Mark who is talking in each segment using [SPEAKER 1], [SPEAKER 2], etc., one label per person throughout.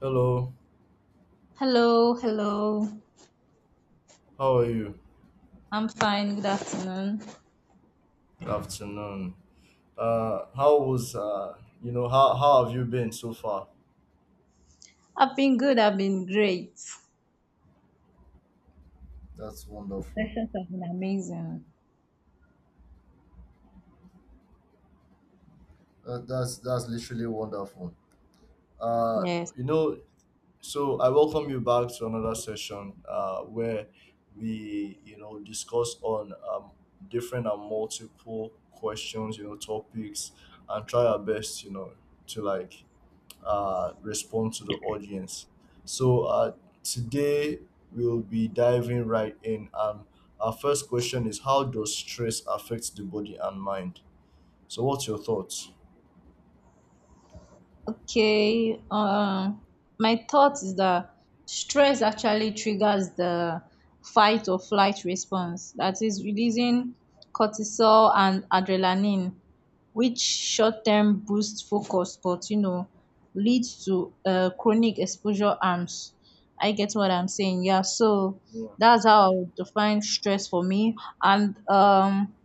[SPEAKER 1] Hello,
[SPEAKER 2] Hello, hello.
[SPEAKER 1] how are you?
[SPEAKER 2] I'm fine. Good afternoon.
[SPEAKER 1] Good afternoon. How was you know, how have you been so far?
[SPEAKER 2] I've been good. I've been great.
[SPEAKER 1] That's
[SPEAKER 2] The
[SPEAKER 1] wonderful.
[SPEAKER 2] sessions have been amazing.
[SPEAKER 1] That's literally wonderful. Uh,
[SPEAKER 2] Yes.
[SPEAKER 1] you know, so I welcome you back to another session where we discuss on different and multiple questions, topics, and try our best, to like respond to the audience. So today we'll be diving right in. Our first question is, how does stress affect the body and mind? So what's your thoughts?
[SPEAKER 2] Okay, my thought is that stress actually triggers the fight or flight response, that is, releasing cortisol and adrenaline, which short term boosts focus, but leads to chronic exposure arms. I get what I'm saying. Yeah, so
[SPEAKER 1] Yeah.
[SPEAKER 2] that's how I would define stress for me. And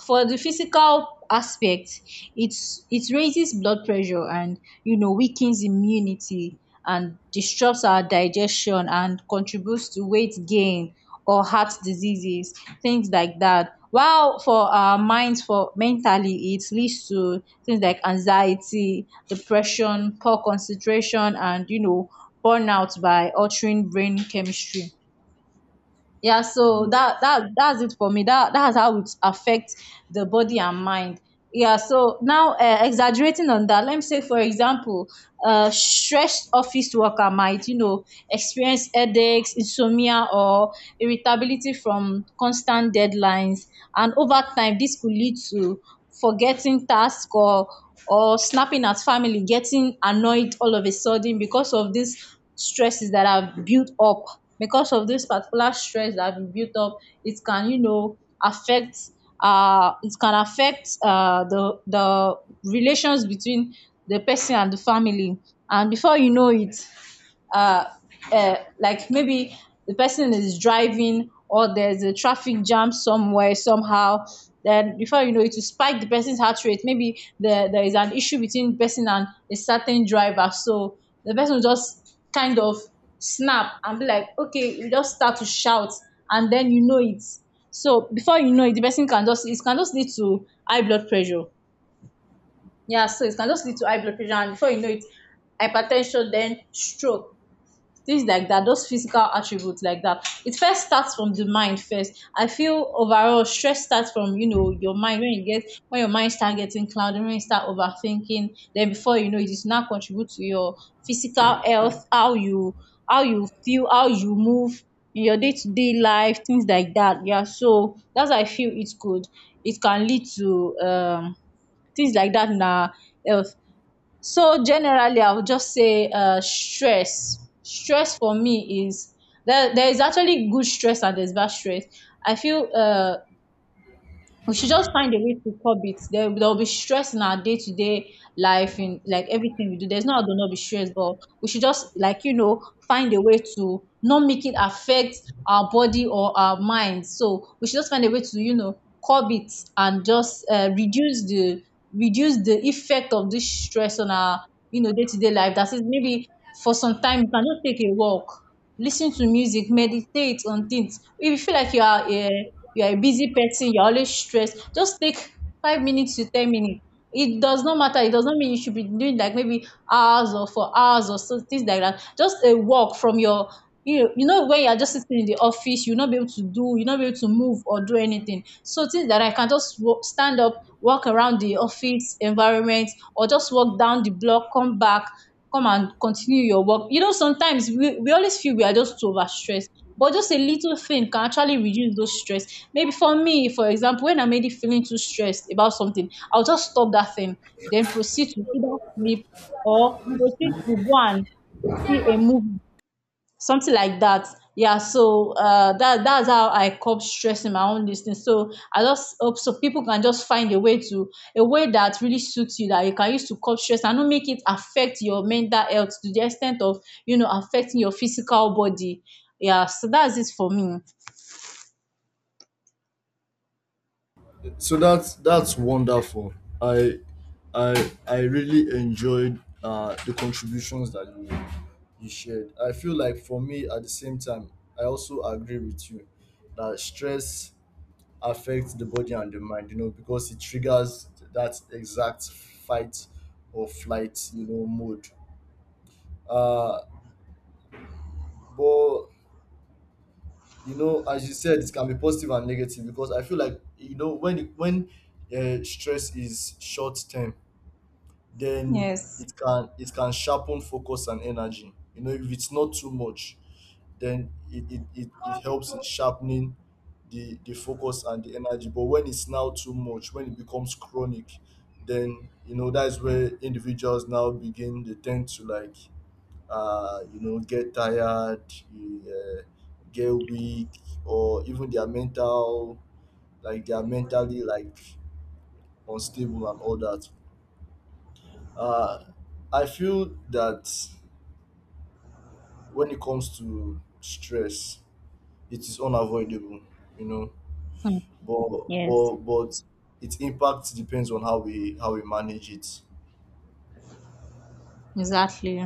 [SPEAKER 2] for the physical aspect it raises blood pressure and weakens immunity and disrupts our digestion and contributes to weight gain or heart diseases, things like that. While for our minds, for mentally, it leads to things like anxiety, depression, poor concentration, and burnout by altering brain chemistry. Yeah, so
[SPEAKER 1] Mm.
[SPEAKER 2] that's it for me. That's how it affects the body and mind. Yeah, so now, exaggerating on that, let me say for example, stressed office worker might experience headaches, insomnia, or irritability from constant deadlines, and over time this could lead to forgetting tasks or snapping at family, getting annoyed all of a sudden because of this stresses that have built up. Because of this particular stress that have built up, it can affect, it can affect the relations between the person and the family. And before you know it, uh, like maybe the person is driving or there's a traffic jam somewhere somehow, then before you know it will spike the person's heart rate. Maybe there is an issue between the person and a certain driver, so the person will just kind of snap and be like okay, you just start to shout. And then you know it, so before you know it the person can just, it can just lead to high blood pressure. Yeah, so it can just lead to high blood pressure, and before you know it, hypertension, then stroke, things like that, those physical attributes like that. It first starts from the mind first. I feel overall stress starts from your mind, when you get, when your mind start getting cloudy, when you start overthinking. Then before you know it's now contribute to your physical health, how you, how you feel, how you move in your day to day life, things like that. Yeah, so that's how I feel it could, it can lead to things like that in our health. So generally, I would just say, stress. Stress for me is there. There is actually good stress and there's bad stress. I feel, we should just find a way to curb it. There will be stress in our day to day life, in like everything we do. There's no how to not be stressed, but we should just find a way to not make it affect our body or our mind. So we should just find a way to curb it, and just reduce the, reduce the effect of this stress on our day to day life. That is, maybe for some time you can just take a walk, listen to music, meditate on things. If you feel like you are, you are a busy person, you're always stressed, just take 5 minutes to 10 minutes. It does not matter, it does not mean you should be doing like maybe hours or for hours or so, things like that. Just a walk from your, when you're just sitting in the office you'll not be able to do, you'll not be able to move or do anything, so things like that, I can just stand up, walk around the office environment, or just walk down the block, come back, come and continue your work. You know, sometimes we always feel we are just overstressed, but just a little thing can actually reduce those stress. Maybe for me, for example, when I'm already feeling too stressed about something, I'll just stop that thing, then proceed to either sleep or proceed to go and see a movie, something like that. Yeah, so that's how I cope stress in my own listening. So I just hope so people can just find a way to, a way that really suits you that you can use to cope stress and not make it affect your mental health to the extent of affecting your physical body. Yeah, so that's it for me.
[SPEAKER 1] So that's wonderful. I I really enjoyed the contributions that you shared. I feel like for me at the same time, I also agree with you that stress affects the body and the mind, because it triggers that exact fight or flight, mode. Uh, but as you said, it can be positive and negative because I feel like when stress is short term, then
[SPEAKER 2] Yes.
[SPEAKER 1] it can sharpen focus and energy. You know, if it's not too much, then it helps in sharpening the focus and the energy. But when it's now too much, when it becomes chronic, then that's where individuals now begin. They tend to like, get tired, uh, get weak, or even their mental, like they are mentally like unstable and all that. Uh, I feel that when it comes to stress, it is unavoidable. You know,
[SPEAKER 2] Hmm.
[SPEAKER 1] but
[SPEAKER 2] Yes.
[SPEAKER 1] but its impact depends on how we manage it.
[SPEAKER 2] Exactly.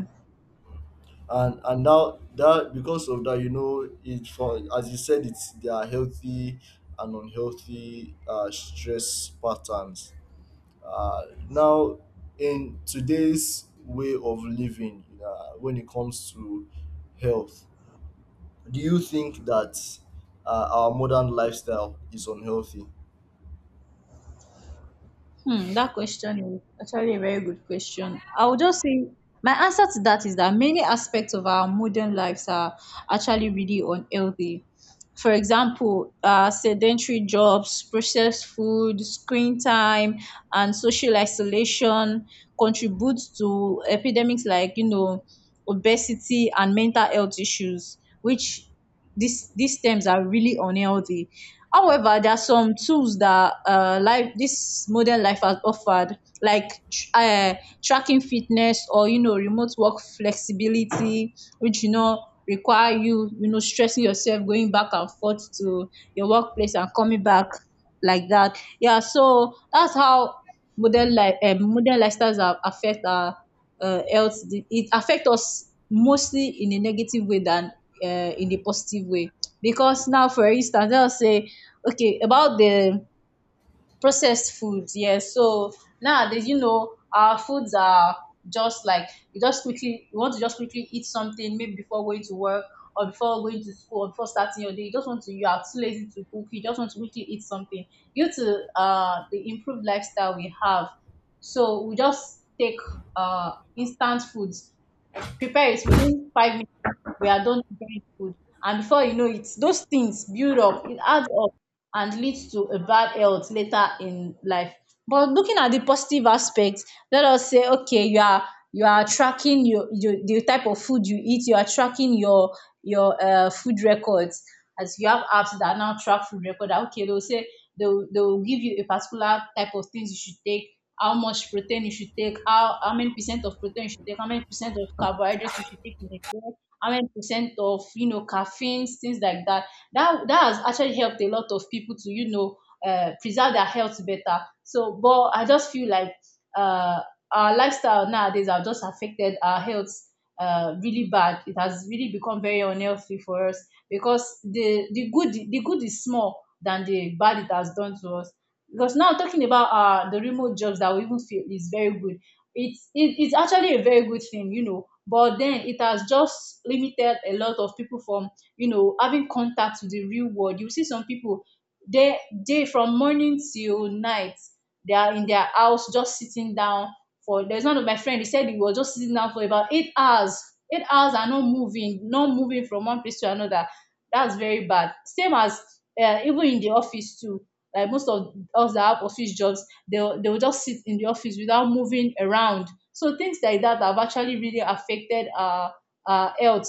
[SPEAKER 1] And now that, because of that, it for as you said, it's there are healthy and unhealthy stress patterns. uh, Now, in today's way of living, when it comes to health, do you think that our modern lifestyle is unhealthy?
[SPEAKER 2] Hmm, that question is actually a very good question. I would just say my answer to that is that many aspects of our modern lives are actually really unhealthy. For example, sedentary jobs, processed food, screen time, and social isolation contribute to epidemics like obesity and mental health issues, which these terms are really unhealthy. However, there are some tools that life, this modern life has offered, like um tracking fitness or remote work flexibility, which require you, you know stressing yourself going back and forth to your workplace and coming back like that. Yeah, so that's how modern life, modern lifestyles are affect our health. The- it affect us mostly in a negative way than in a positive way. Because now for instance, let us say, okay, about the processed foods, yes. So nowadays, you know, our foods are just like, you just quickly, you want to just quickly eat something maybe before going to work, or before going to school, or before starting your day, you just want to, you are too lazy to cook, you just want to quickly eat something due to the improved lifestyle we have. So we just take instant foods, prepare it within 5 minutes, we are done preparing the food, and before you know it those things build up, it adds up, and leads to a bad health later in life. But looking at the positive aspect, let us say okay, you are, you are tracking your the type of food you eat, you are tracking your food records, as you have apps that now track food record, that okay, they'll say, they'll give you a particular type of things you should take, how much protein you should take, how many percent of protein you should take, how many percent of carbohydrates you should take in a day, how many percent of caffeines, things like that. That has actually helped a lot of people to preserve their health better. So, but I just feel like, uh, our lifestyle nowadays have just affected our health really bad. It has really become very unhealthy for us, because the good is small than the bad it has done to us. Because now talking about, the remote jobs that we even feel is very good. It's it's actually a very good thing, you know. But then it has just limited a lot of people from having contact with the real world. You see some people, they they from morning till night, they are in their house just sitting down. For There's one of my friend, he said he was just sitting down for about 8 hours. 8 hours and not moving, not moving from one place to another. That's very bad. Same as, even in the office too. Like most of us that have office jobs, they will just sit in the office without moving around. So things like that have actually really affected our health.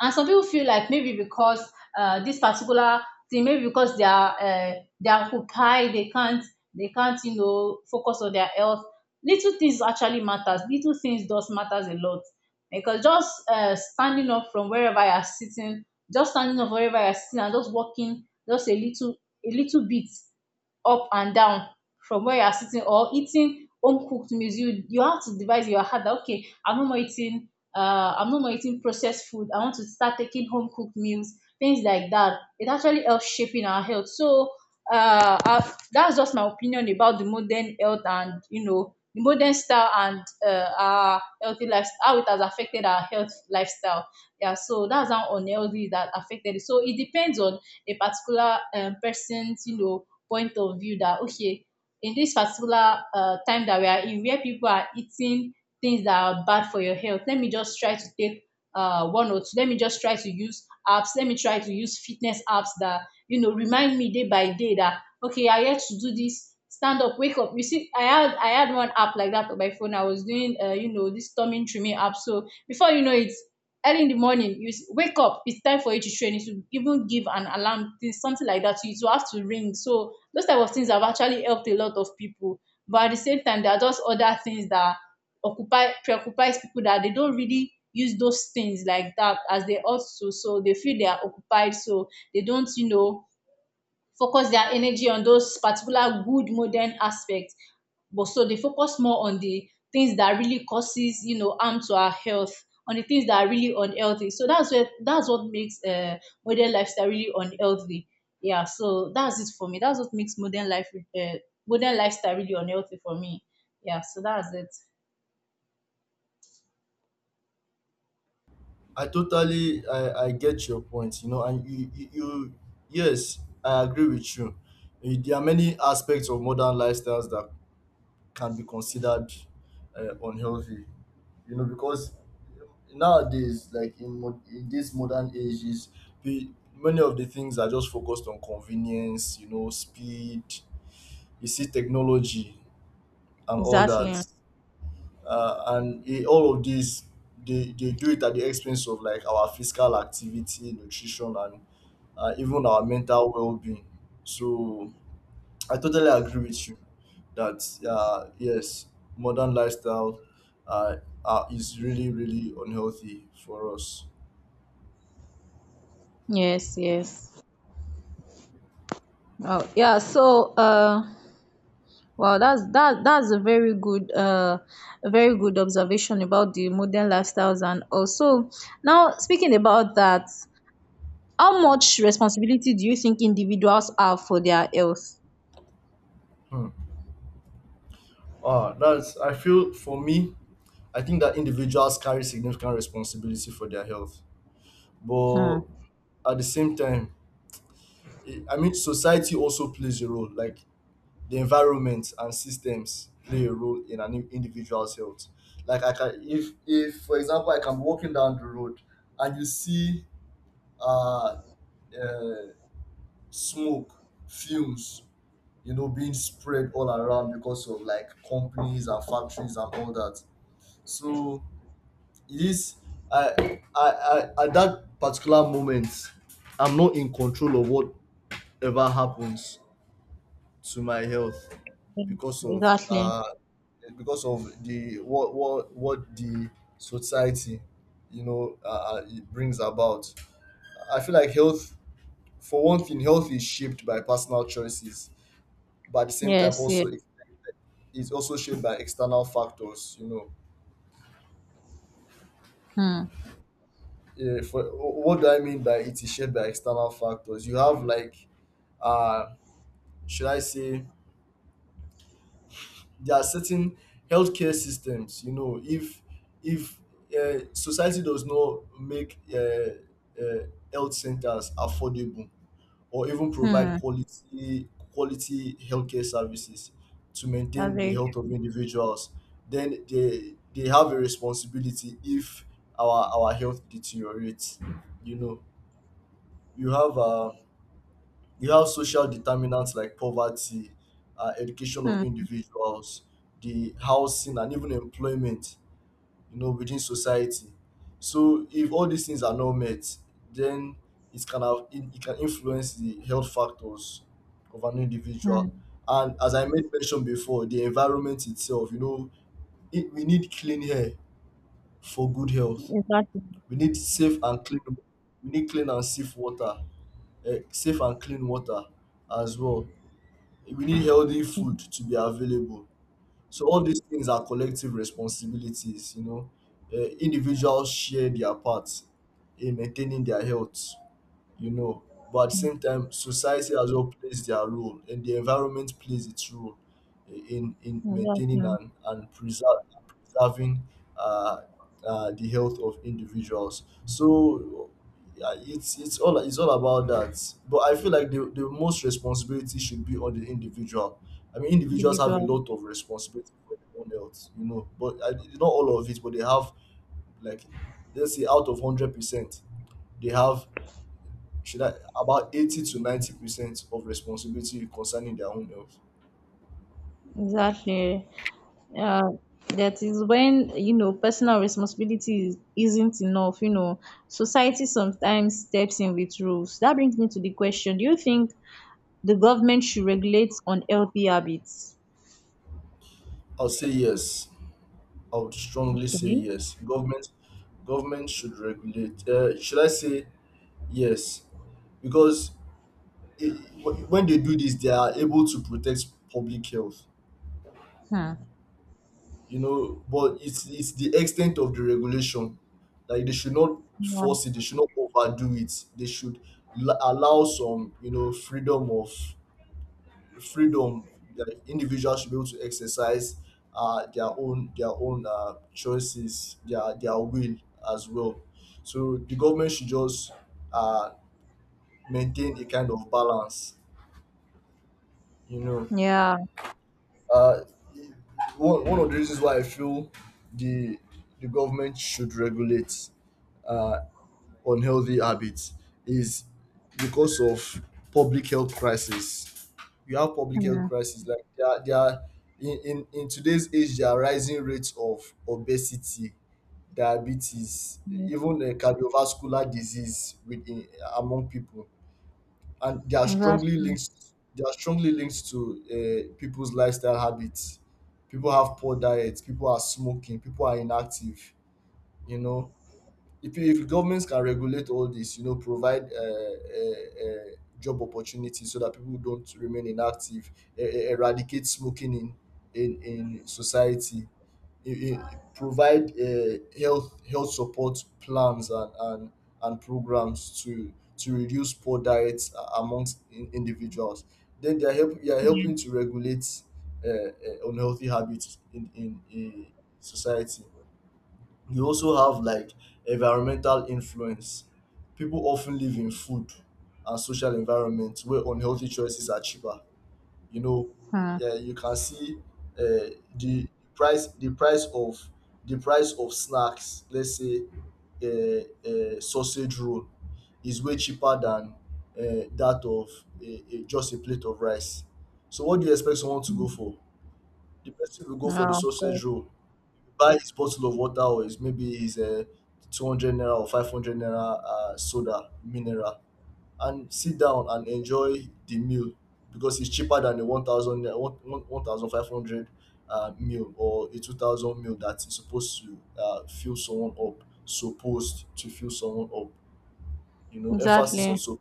[SPEAKER 2] And some people feel like, maybe because this particular thing, maybe because they are occupied, they can't focus on their health. Little things actually matters, little things does matters a lot, because just standing up from wherever you are sitting, just standing up wherever you are sitting and just walking just a little bit up and down from where you are sitting, or eating home cooked meals. You have to devise in your heart that, okay, I'm no more eating, I'm no more eating processed food, I want to start taking home cooked meals. Things like that, it actually helps shaping our health. So that's just my opinion about the modern health and, the modern style, and our healthy lifestyle, how it has affected our health lifestyle. Yeah, so that's how unhealthy that affected it. So it depends on a particular person's point of view, that okay, in this particular time that we are in, where people are eating things that are bad for your health, let me just try to take one or two. Let me just try to use apps let me try to use fitness apps that remind me day by day, that okay, I have to do this, stand up, wake up. You see, I had one app like that on my phone. I was doing, this storming trimming app, so before you know it, early in the morning you wake up, it's time for you to train. It will even give an alarm thing, something like that. So it will have to ring. So those type of things have actually helped a lot of people. But at the same time, there are just other things that occupy preoccupies people, that they don't really use those things like that as they ought to. So they feel they are occupied, so they don't focus their energy on those particular good modern aspects. But so they focus more on the things that really causes, harm to our health, on the things that are really unhealthy. So that's what makes modern lifestyle really unhealthy. Yeah, so that's it for me. That's what makes uh, modern lifestyle really unhealthy for me. Yeah, so that's it.
[SPEAKER 1] I get your point, you know, and you yes, I agree with you. There are many aspects of modern lifestyles that can be considered unhealthy, you know, because nowadays, like in this modern ages, pe- many of the things are just focused on convenience, you know, speed, you see technology and all that,
[SPEAKER 2] Exactly.
[SPEAKER 1] and all of these, they do it at the expense of like our physical activity, nutrition, and even our mental well-being. So I totally agree with you that yes, modern lifestyle uh, is really really unhealthy for us.
[SPEAKER 2] Yes, yes. Oh, yeah. So wow, that's a very good observation about the modern lifestyles. And also, now speaking about that, how much responsibility do you think individuals have for their health?
[SPEAKER 1] hmm. Ah, that's I feel for me, I think that individuals carry significant responsibility for their health,
[SPEAKER 2] Hmm.
[SPEAKER 1] but at the same time, I mean, society also plays a role, like the environment and systems play a role in an individual's health. Like I can, if for example, I can be walking down the road and you see uh, uh smoke fumes, you know, being spread all around because of like companies and factories and all that. So it is I I, I at that particular moment, I'm not in control of whatever happens to my health because of
[SPEAKER 2] Exactly.
[SPEAKER 1] uh because of the what the society, you know, it brings about. I feel like health— for one thing, health is shaped by personal choices, but at the same time
[SPEAKER 2] Yes, yeah.
[SPEAKER 1] also it's also shaped by external factors, you know.
[SPEAKER 2] Hmm.
[SPEAKER 1] For, what do I mean by it is shaped by external factors? You have like, uh should I say, there are certain healthcare systems. You know, if if society does not make health centers affordable or even provide
[SPEAKER 2] Hmm.
[SPEAKER 1] quality healthcare services to
[SPEAKER 2] That's
[SPEAKER 1] maintain the
[SPEAKER 2] very
[SPEAKER 1] health of individuals, then they have a responsibility if our health deteriorates, you know. you have uh, You have social determinants like poverty, education
[SPEAKER 2] true.
[SPEAKER 1] of
[SPEAKER 2] Hmm.
[SPEAKER 1] individuals, the housing, and even employment, you know, within society. So, if all these things are not met, then it can influence the health factors of an individual.
[SPEAKER 2] Hmm.
[SPEAKER 1] And as I made mention before, the environment itself, you know, we need clean air for good health.
[SPEAKER 2] Exactly.
[SPEAKER 1] We need safe and clean— we need clean and safe water, safe and clean water as well. We need healthy food
[SPEAKER 2] Hmm.
[SPEAKER 1] to be available. So all these things are collective responsibilities, you know. Individuals share their part in maintaining their health, you know. But at the same time, society as well plays their role, and the environment plays its role in maintaining
[SPEAKER 2] Exactly.
[SPEAKER 1] and preserving uh, the health of individuals. So yeah, it's all about that. But I feel like the most responsibility should be on the individual. I mean, individuals have a
[SPEAKER 2] Individual.
[SPEAKER 1] lot of responsibility for their own health, you know. But not all of it, but they have, like, let's say, out of 100%, they have should I about 80% to 90% of responsibility concerning their own health.
[SPEAKER 2] Exactly. uh, that is when, you know, personal responsibility isn't enough, you know. Society sometimes steps in with rules. That brings me to the question, do you think the government should regulate unhealthy habits?
[SPEAKER 1] I will say yes. I would strongly say
[SPEAKER 2] Okay.
[SPEAKER 1] yes. Government should regulate. Should I say yes? Because it, when they do this, they are able to protect public health.
[SPEAKER 2] Hmm.
[SPEAKER 1] You know, but it's the extent of the regulation. Like they should not
[SPEAKER 2] yeah
[SPEAKER 1] force it. They should not overdo it. They should allow some, freedom of— freedom, like individuals should be able to exercise their own choices, their will as well. So the government should just uh, maintain a kind of balance, you know.
[SPEAKER 2] yeah
[SPEAKER 1] Uh, one, one of the reasons why I feel the the government should regulate uh, unhealthy habits is because of public health crisis. You have public health
[SPEAKER 2] hmm.
[SPEAKER 1] crisis like there are in today's age there are rising rates of obesity, diabetes,
[SPEAKER 2] Yeah.
[SPEAKER 1] even cardiovascular disease, within among people, and they are strongly
[SPEAKER 2] Exactly.
[SPEAKER 1] linked. They are strongly linked to people's lifestyle habits. People have poor diets. People are smoking. People are inactive. You know, if governments can regulate all this, you know, provide job opportunities so that people don't remain inactive, eradicate smoking in society, provide health health support plans and programs to reduce poor diets amongst individuals. Then you are
[SPEAKER 2] Yeah.
[SPEAKER 1] helping to regulate unhealthy habits in society. You also have like environmental influence. People often live in food and social environments where unhealthy choices are cheaper. You know,
[SPEAKER 2] Hmm.
[SPEAKER 1] yeah, you can see uh, the price, the price of the price of snacks. Let's say a sausage roll is way cheaper than that of just a plate of rice. So what do you expect someone to go for? The person will go for the
[SPEAKER 2] Yeah, of
[SPEAKER 1] sausage
[SPEAKER 2] course.
[SPEAKER 1] roll, buy his bottle of water, or his 200 naira or 500 naira soda mineral, and sit down and enjoy the meal because it's cheaper than the 1000 meal, or a 2000 meal that is supposed to fill someone up, you know, emphasis on.
[SPEAKER 2] Exactly.
[SPEAKER 1] So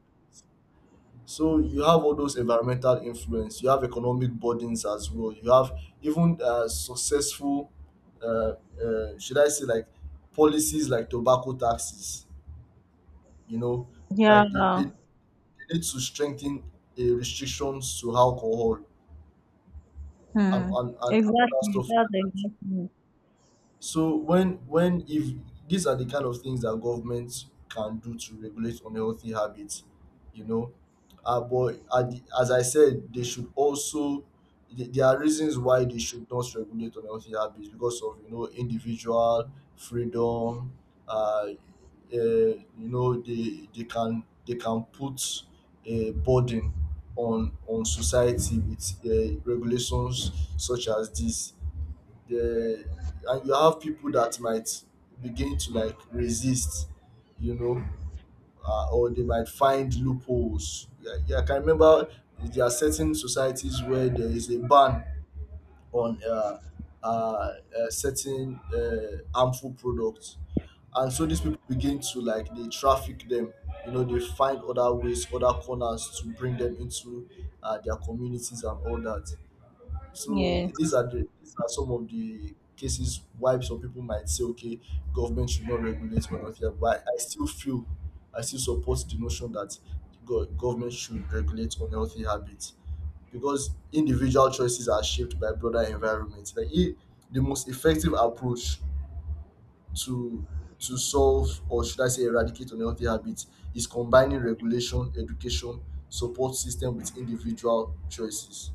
[SPEAKER 1] so you have all those environmental influence, you have economic burdens as well. You have even successful, uh, should I say, like, policies like tobacco taxes. You know,
[SPEAKER 2] Yeah.
[SPEAKER 1] like they need to strengthen the restrictions to alcohol
[SPEAKER 2] Hmm.
[SPEAKER 1] and other
[SPEAKER 2] Exactly,
[SPEAKER 1] stuff.
[SPEAKER 2] that's exactly.
[SPEAKER 1] So when if these are the kind of things that government can do to regulate unhealthy habits, you know. But as I said, they should also— there are reasons why they should not regulate unhealthy habits because of, individual freedom. Uh, you know, they can put a burden on society with regulations such as this, the and you have people that might begin to like resist, you know, or they might find loopholes. Yeah, yeah, I can remember there are certain societies where there is a ban on uh, certain harmful products, and so these people begin to like they traffic them, you know, they find other ways, other corners, to bring them into their communities and all that. So
[SPEAKER 2] Yes,
[SPEAKER 1] these are some of the cases why some people might say, okay, government should not regulate, or not here. But I still support the notion that government should regulate unhealthy habits because individual choices are shaped by broader environment. Like, if the most effective approach to to solve, or should I say eradicate, unhealthy habits is combining regulation, education, support system with individual choices.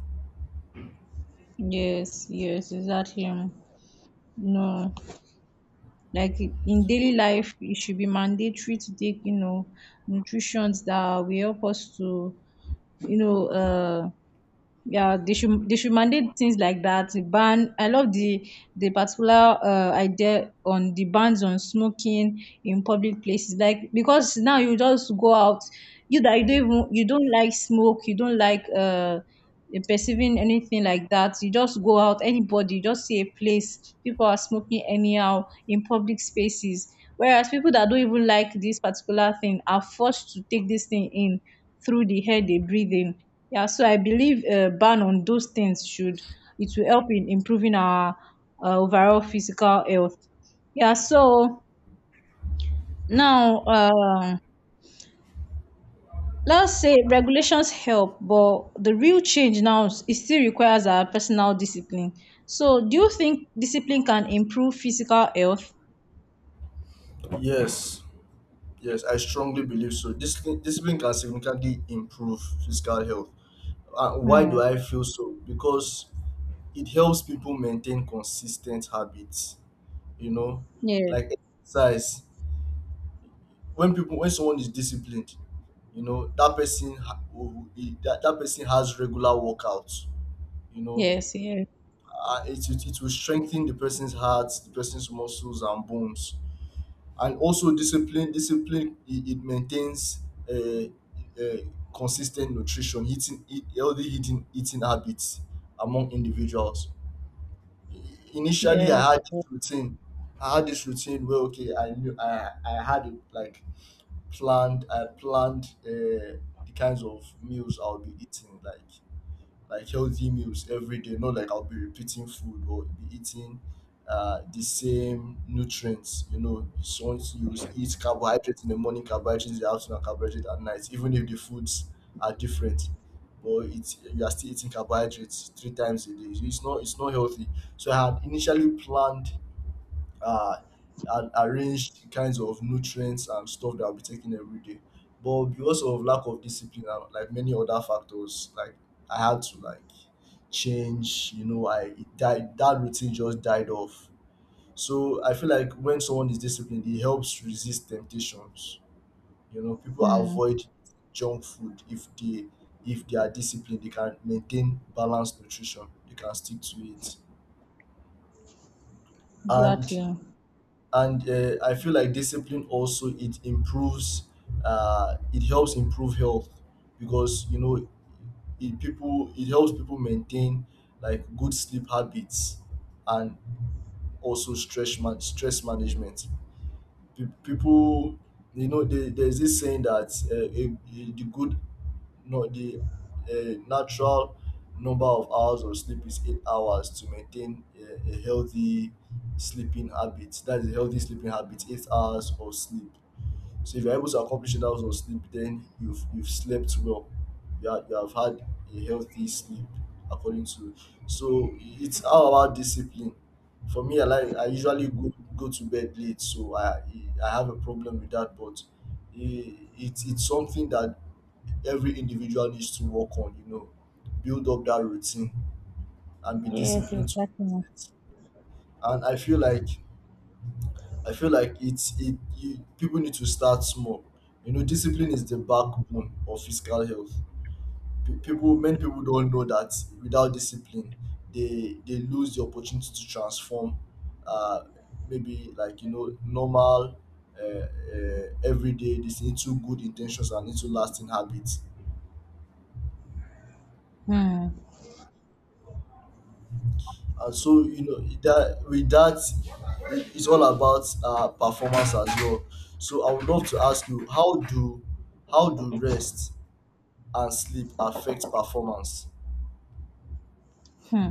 [SPEAKER 2] yes. Yes, exactly. No. Like in daily life, it should be mandatory to take, nutritions that will help us to, you know, uh yeah, they should mandate things like that. Ban! I love the particular idea on the bans on smoking in public places. Like, because now you just go out, you that you don't even, you don't like smoke, you don't like perceiving anything like that. You just go out, anybody, you just see a place, people are smoking anyhow in public spaces, whereas people that don't even like this particular thing are forced to take this thing in through the air they breathe in. Yeah, so I believe a ban on those things should it will help in improving our overall physical health. Yeah, so now let's say regulations help, but the real change now it still requires our personal discipline. So do you think discipline can improve physical health?
[SPEAKER 1] Yes. Yes, I strongly believe so. Discipline can significantly improve physical health. Why do
[SPEAKER 2] Hmm.
[SPEAKER 1] I feel so? Because it helps people maintain consistent habits. You know,
[SPEAKER 2] Yeah.
[SPEAKER 1] like exercise. When someone is disciplined, you know that person ha- will- that, that person has regular workouts. You know,
[SPEAKER 2] Yes. Yes.
[SPEAKER 1] it will strengthen the person's heart, the person's muscles and bones. And also discipline it maintains uh, uh, consistent nutrition— healthy eating habits among individuals. Initially, I
[SPEAKER 2] Yes.
[SPEAKER 1] had this routine— where okay, I knew I had it like planned. I planned the kinds of meals I'll be eating, like healthy meals every day, not like I'll be repeating food or be eating the same nutrients, you know. So once you eat carbohydrates in the morning, carbohydrates in the afternoon, and carbohydrates at night, even if the foods are different, but it's you are still eating carbohydrates three times a day, it's not healthy. So I had initially planned uh, and arranged kinds of nutrients and stuff that I'll be taking every day. But because of lack of discipline and like many other factors, like I had to like change, you know, I it died that routine just died off. So I feel like when someone is disciplined, it helps resist temptations. You know, people
[SPEAKER 2] Hmm.
[SPEAKER 1] avoid junk food. If they are disciplined, they can maintain balanced nutrition, they can stick to it. And
[SPEAKER 2] Exactly.
[SPEAKER 1] and I feel like discipline also— it helps improve health because, you know, it helps people maintain like good sleep habits, and also stress management. People, you know, there's this saying that the good no the natural number of hours of sleep is 8 hours, to maintain a healthy sleeping habit. That's a healthy sleeping habit— 8 hours of sleep. So if you're able to accomplish 8 hours of sleep, then you've slept well. You have had a healthy sleep, according to. So it's all about discipline. For me, I usually go to bed late, so I have a problem with that. But it's something that every individual needs to work on. You know, build up that routine and be
[SPEAKER 2] Yes.
[SPEAKER 1] disciplined to
[SPEAKER 2] Exactly.
[SPEAKER 1] it. And I feel like people need to start small. You know, discipline is the backbone of physical health. Many people don't know that without discipline, they lose the opportunity to transform. Uh, Maybe, like, you know, normal, everyday— this into good intentions and into lasting habits.
[SPEAKER 2] Hmm.
[SPEAKER 1] And so you know that with that, it's all about performance as well. So I would love to ask you, how do rest and sleep affect performance?
[SPEAKER 2] Hmm.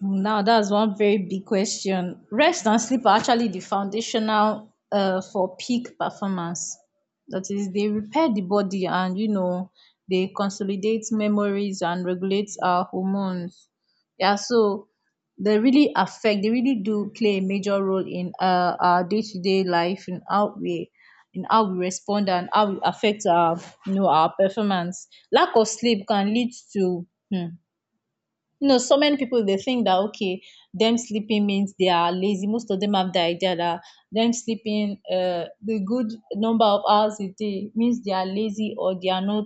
[SPEAKER 2] Now that's one very big question. Rest and sleep are actually the foundational for peak performance. That is, they repair the body, and, they consolidate memories and regulate our hormones. Yeah, so they really affect. They really do play a major role in, our day to day life, in how we respond and how we affect our you know our performance. Lack of sleep can lead to. hmm, you know, so many people, they think that okay, them sleeping means they are lazy. Most of them have the idea that them sleeping, the good number of hours a day, means they are lazy, or they are not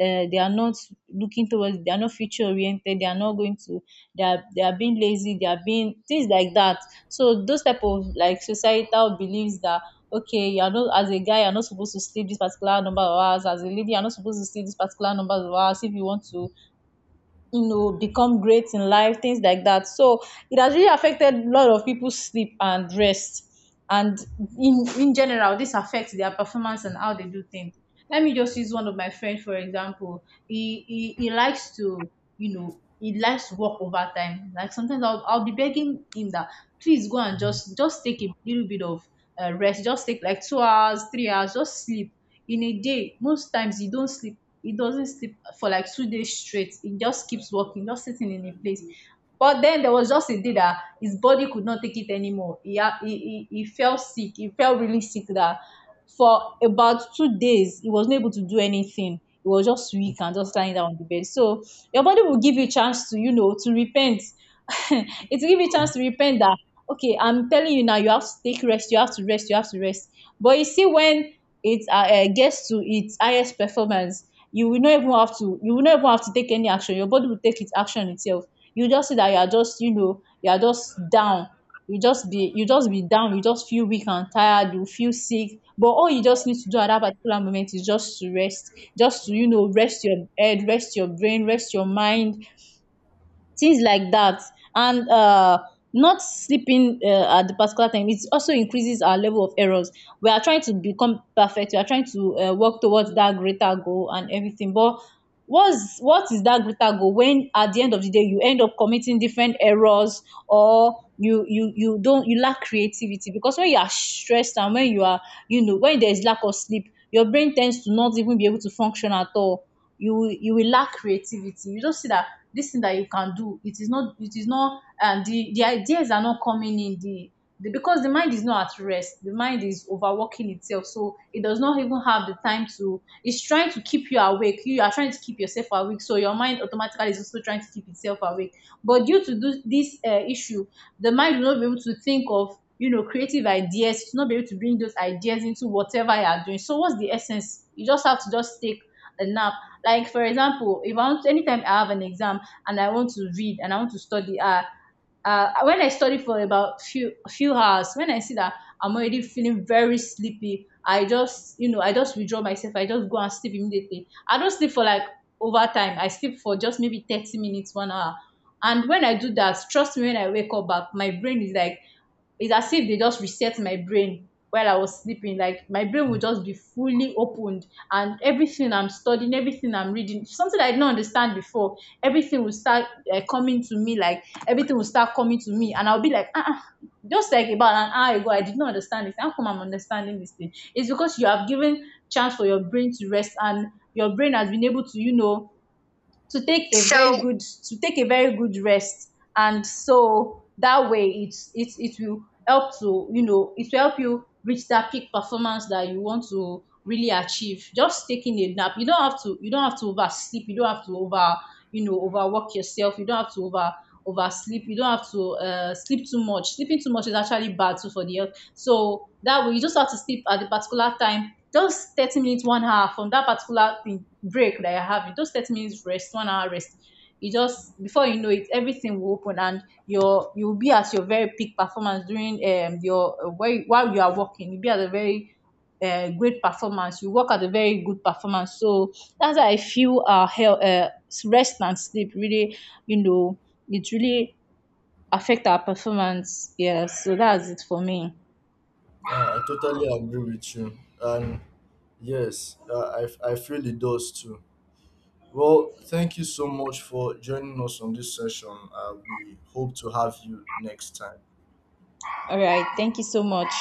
[SPEAKER 2] uh, they are not looking towards, they are not future oriented, they are not going to they are being lazy, they are being things like that. So those type of like societal beliefs that, okay, you're not, as a guy you're not supposed to sleep this particular number of hours, as a lady you're not supposed to sleep this particular number of hours, if you want to become great in life, things like that. So it has really affected a lot of people's sleep and rest. And in general, this affects their performance and how they do things. Let me just use one of my friends for example. He likes to, he likes to work overtime. Like sometimes I'll be begging him that please go and just take a little bit of rest, just take like 2 hours, 3 hours, just sleep in a day. Most times you don't sleep, it doesn't sleep for like 2 days straight. It just keeps walking, just sitting in a place. But then there was just a day that his body could not take it anymore. He fell sick. He felt really sick that for about 2 days, he wasn't able to do anything. He was just weak and just lying down on the bed. So your body will give you a chance to, to repent. It will give you a chance to repent, that okay, I'm telling you now, you have to take rest, you have to rest, you have to rest. But you see, when it gets to its highest performance, you will not even have to take any action. Your body will take its action itself. You just see that you are just, you are just down, you just be down, you just feel weak and tired, you feel sick. But all you just need to do at that particular moment is just to rest, just to, rest your head, rest your brain, rest your mind, things like that. And not sleeping at the particular time, it also increases our level of errors. We are trying to become perfect, we are trying to work towards that greater goal and everything. But what is that greater goal, when at the end of the day you end up committing different errors, or you don't you lack creativity. Because when you are stressed and when you are, when there is lack of sleep, your brain tends to not even be able to function at all. You will lack creativity. You don't see that this thing that you can do, it is not, it is not, and the ideas are not coming in the, because the mind is not at rest. The mind is overworking itself, so it does not even have the time to, it's trying to keep you awake. You are trying to keep yourself awake, so your mind automatically is also trying to keep itself awake. But due to this issue, the mind will not be able to think of, creative ideas, to not be able to bring those ideas into whatever you are doing. So what's the essence? You just have to just take a nap. Like for example, if I want anytime I have an exam and I want to read and I want to study. When I study for about few hours, when I see that I'm already feeling very sleepy, I just, I just withdraw myself. I just go and sleep immediately. I don't sleep for like overtime. I sleep for just maybe 30 minutes, 1 hour. And when I do that, trust me, when I wake up back, my brain is like, it's as if they just reset my brain while I was sleeping. Like my brain would just be fully opened, and everything I'm studying, everything I'm reading, something I didn't understand before, everything will start coming to me. Like everything will start coming to me, and I'll be like, ah, ah. Just like about an hour ago, I did not understand this. How come I'm understanding this thing? It's because you have given chance for your brain to rest, and your brain has been able to, you know, to take a so, very So good to take a very good rest. And so that way, it will help to, it will help you reach that peak performance that you want to really achieve. Just taking a nap, you don't have to oversleep, you don't have to over overwork yourself, you don't have to oversleep, you don't have to sleep too much. Sleeping too much is actually bad too for the health. So that way, you just have to sleep at the particular time. Those 30 minutes, 1 hour, from that particular thing, break that you're having, those 30 minutes rest, 1 hour rest, you just, before you know it, everything will open. And your you'll be at your very peak performance during, while you are working. You'll be at a very great performance, you work at a very good performance. So that's how I feel our health, rest and sleep really, you know, it really affect our performance. Yeah, so that's it for me.
[SPEAKER 1] Yeah, I totally agree with you. And yes, I feel it does too. Well, thank you so much for joining us on this session. We hope to have you next time.
[SPEAKER 2] All right, thank you so much.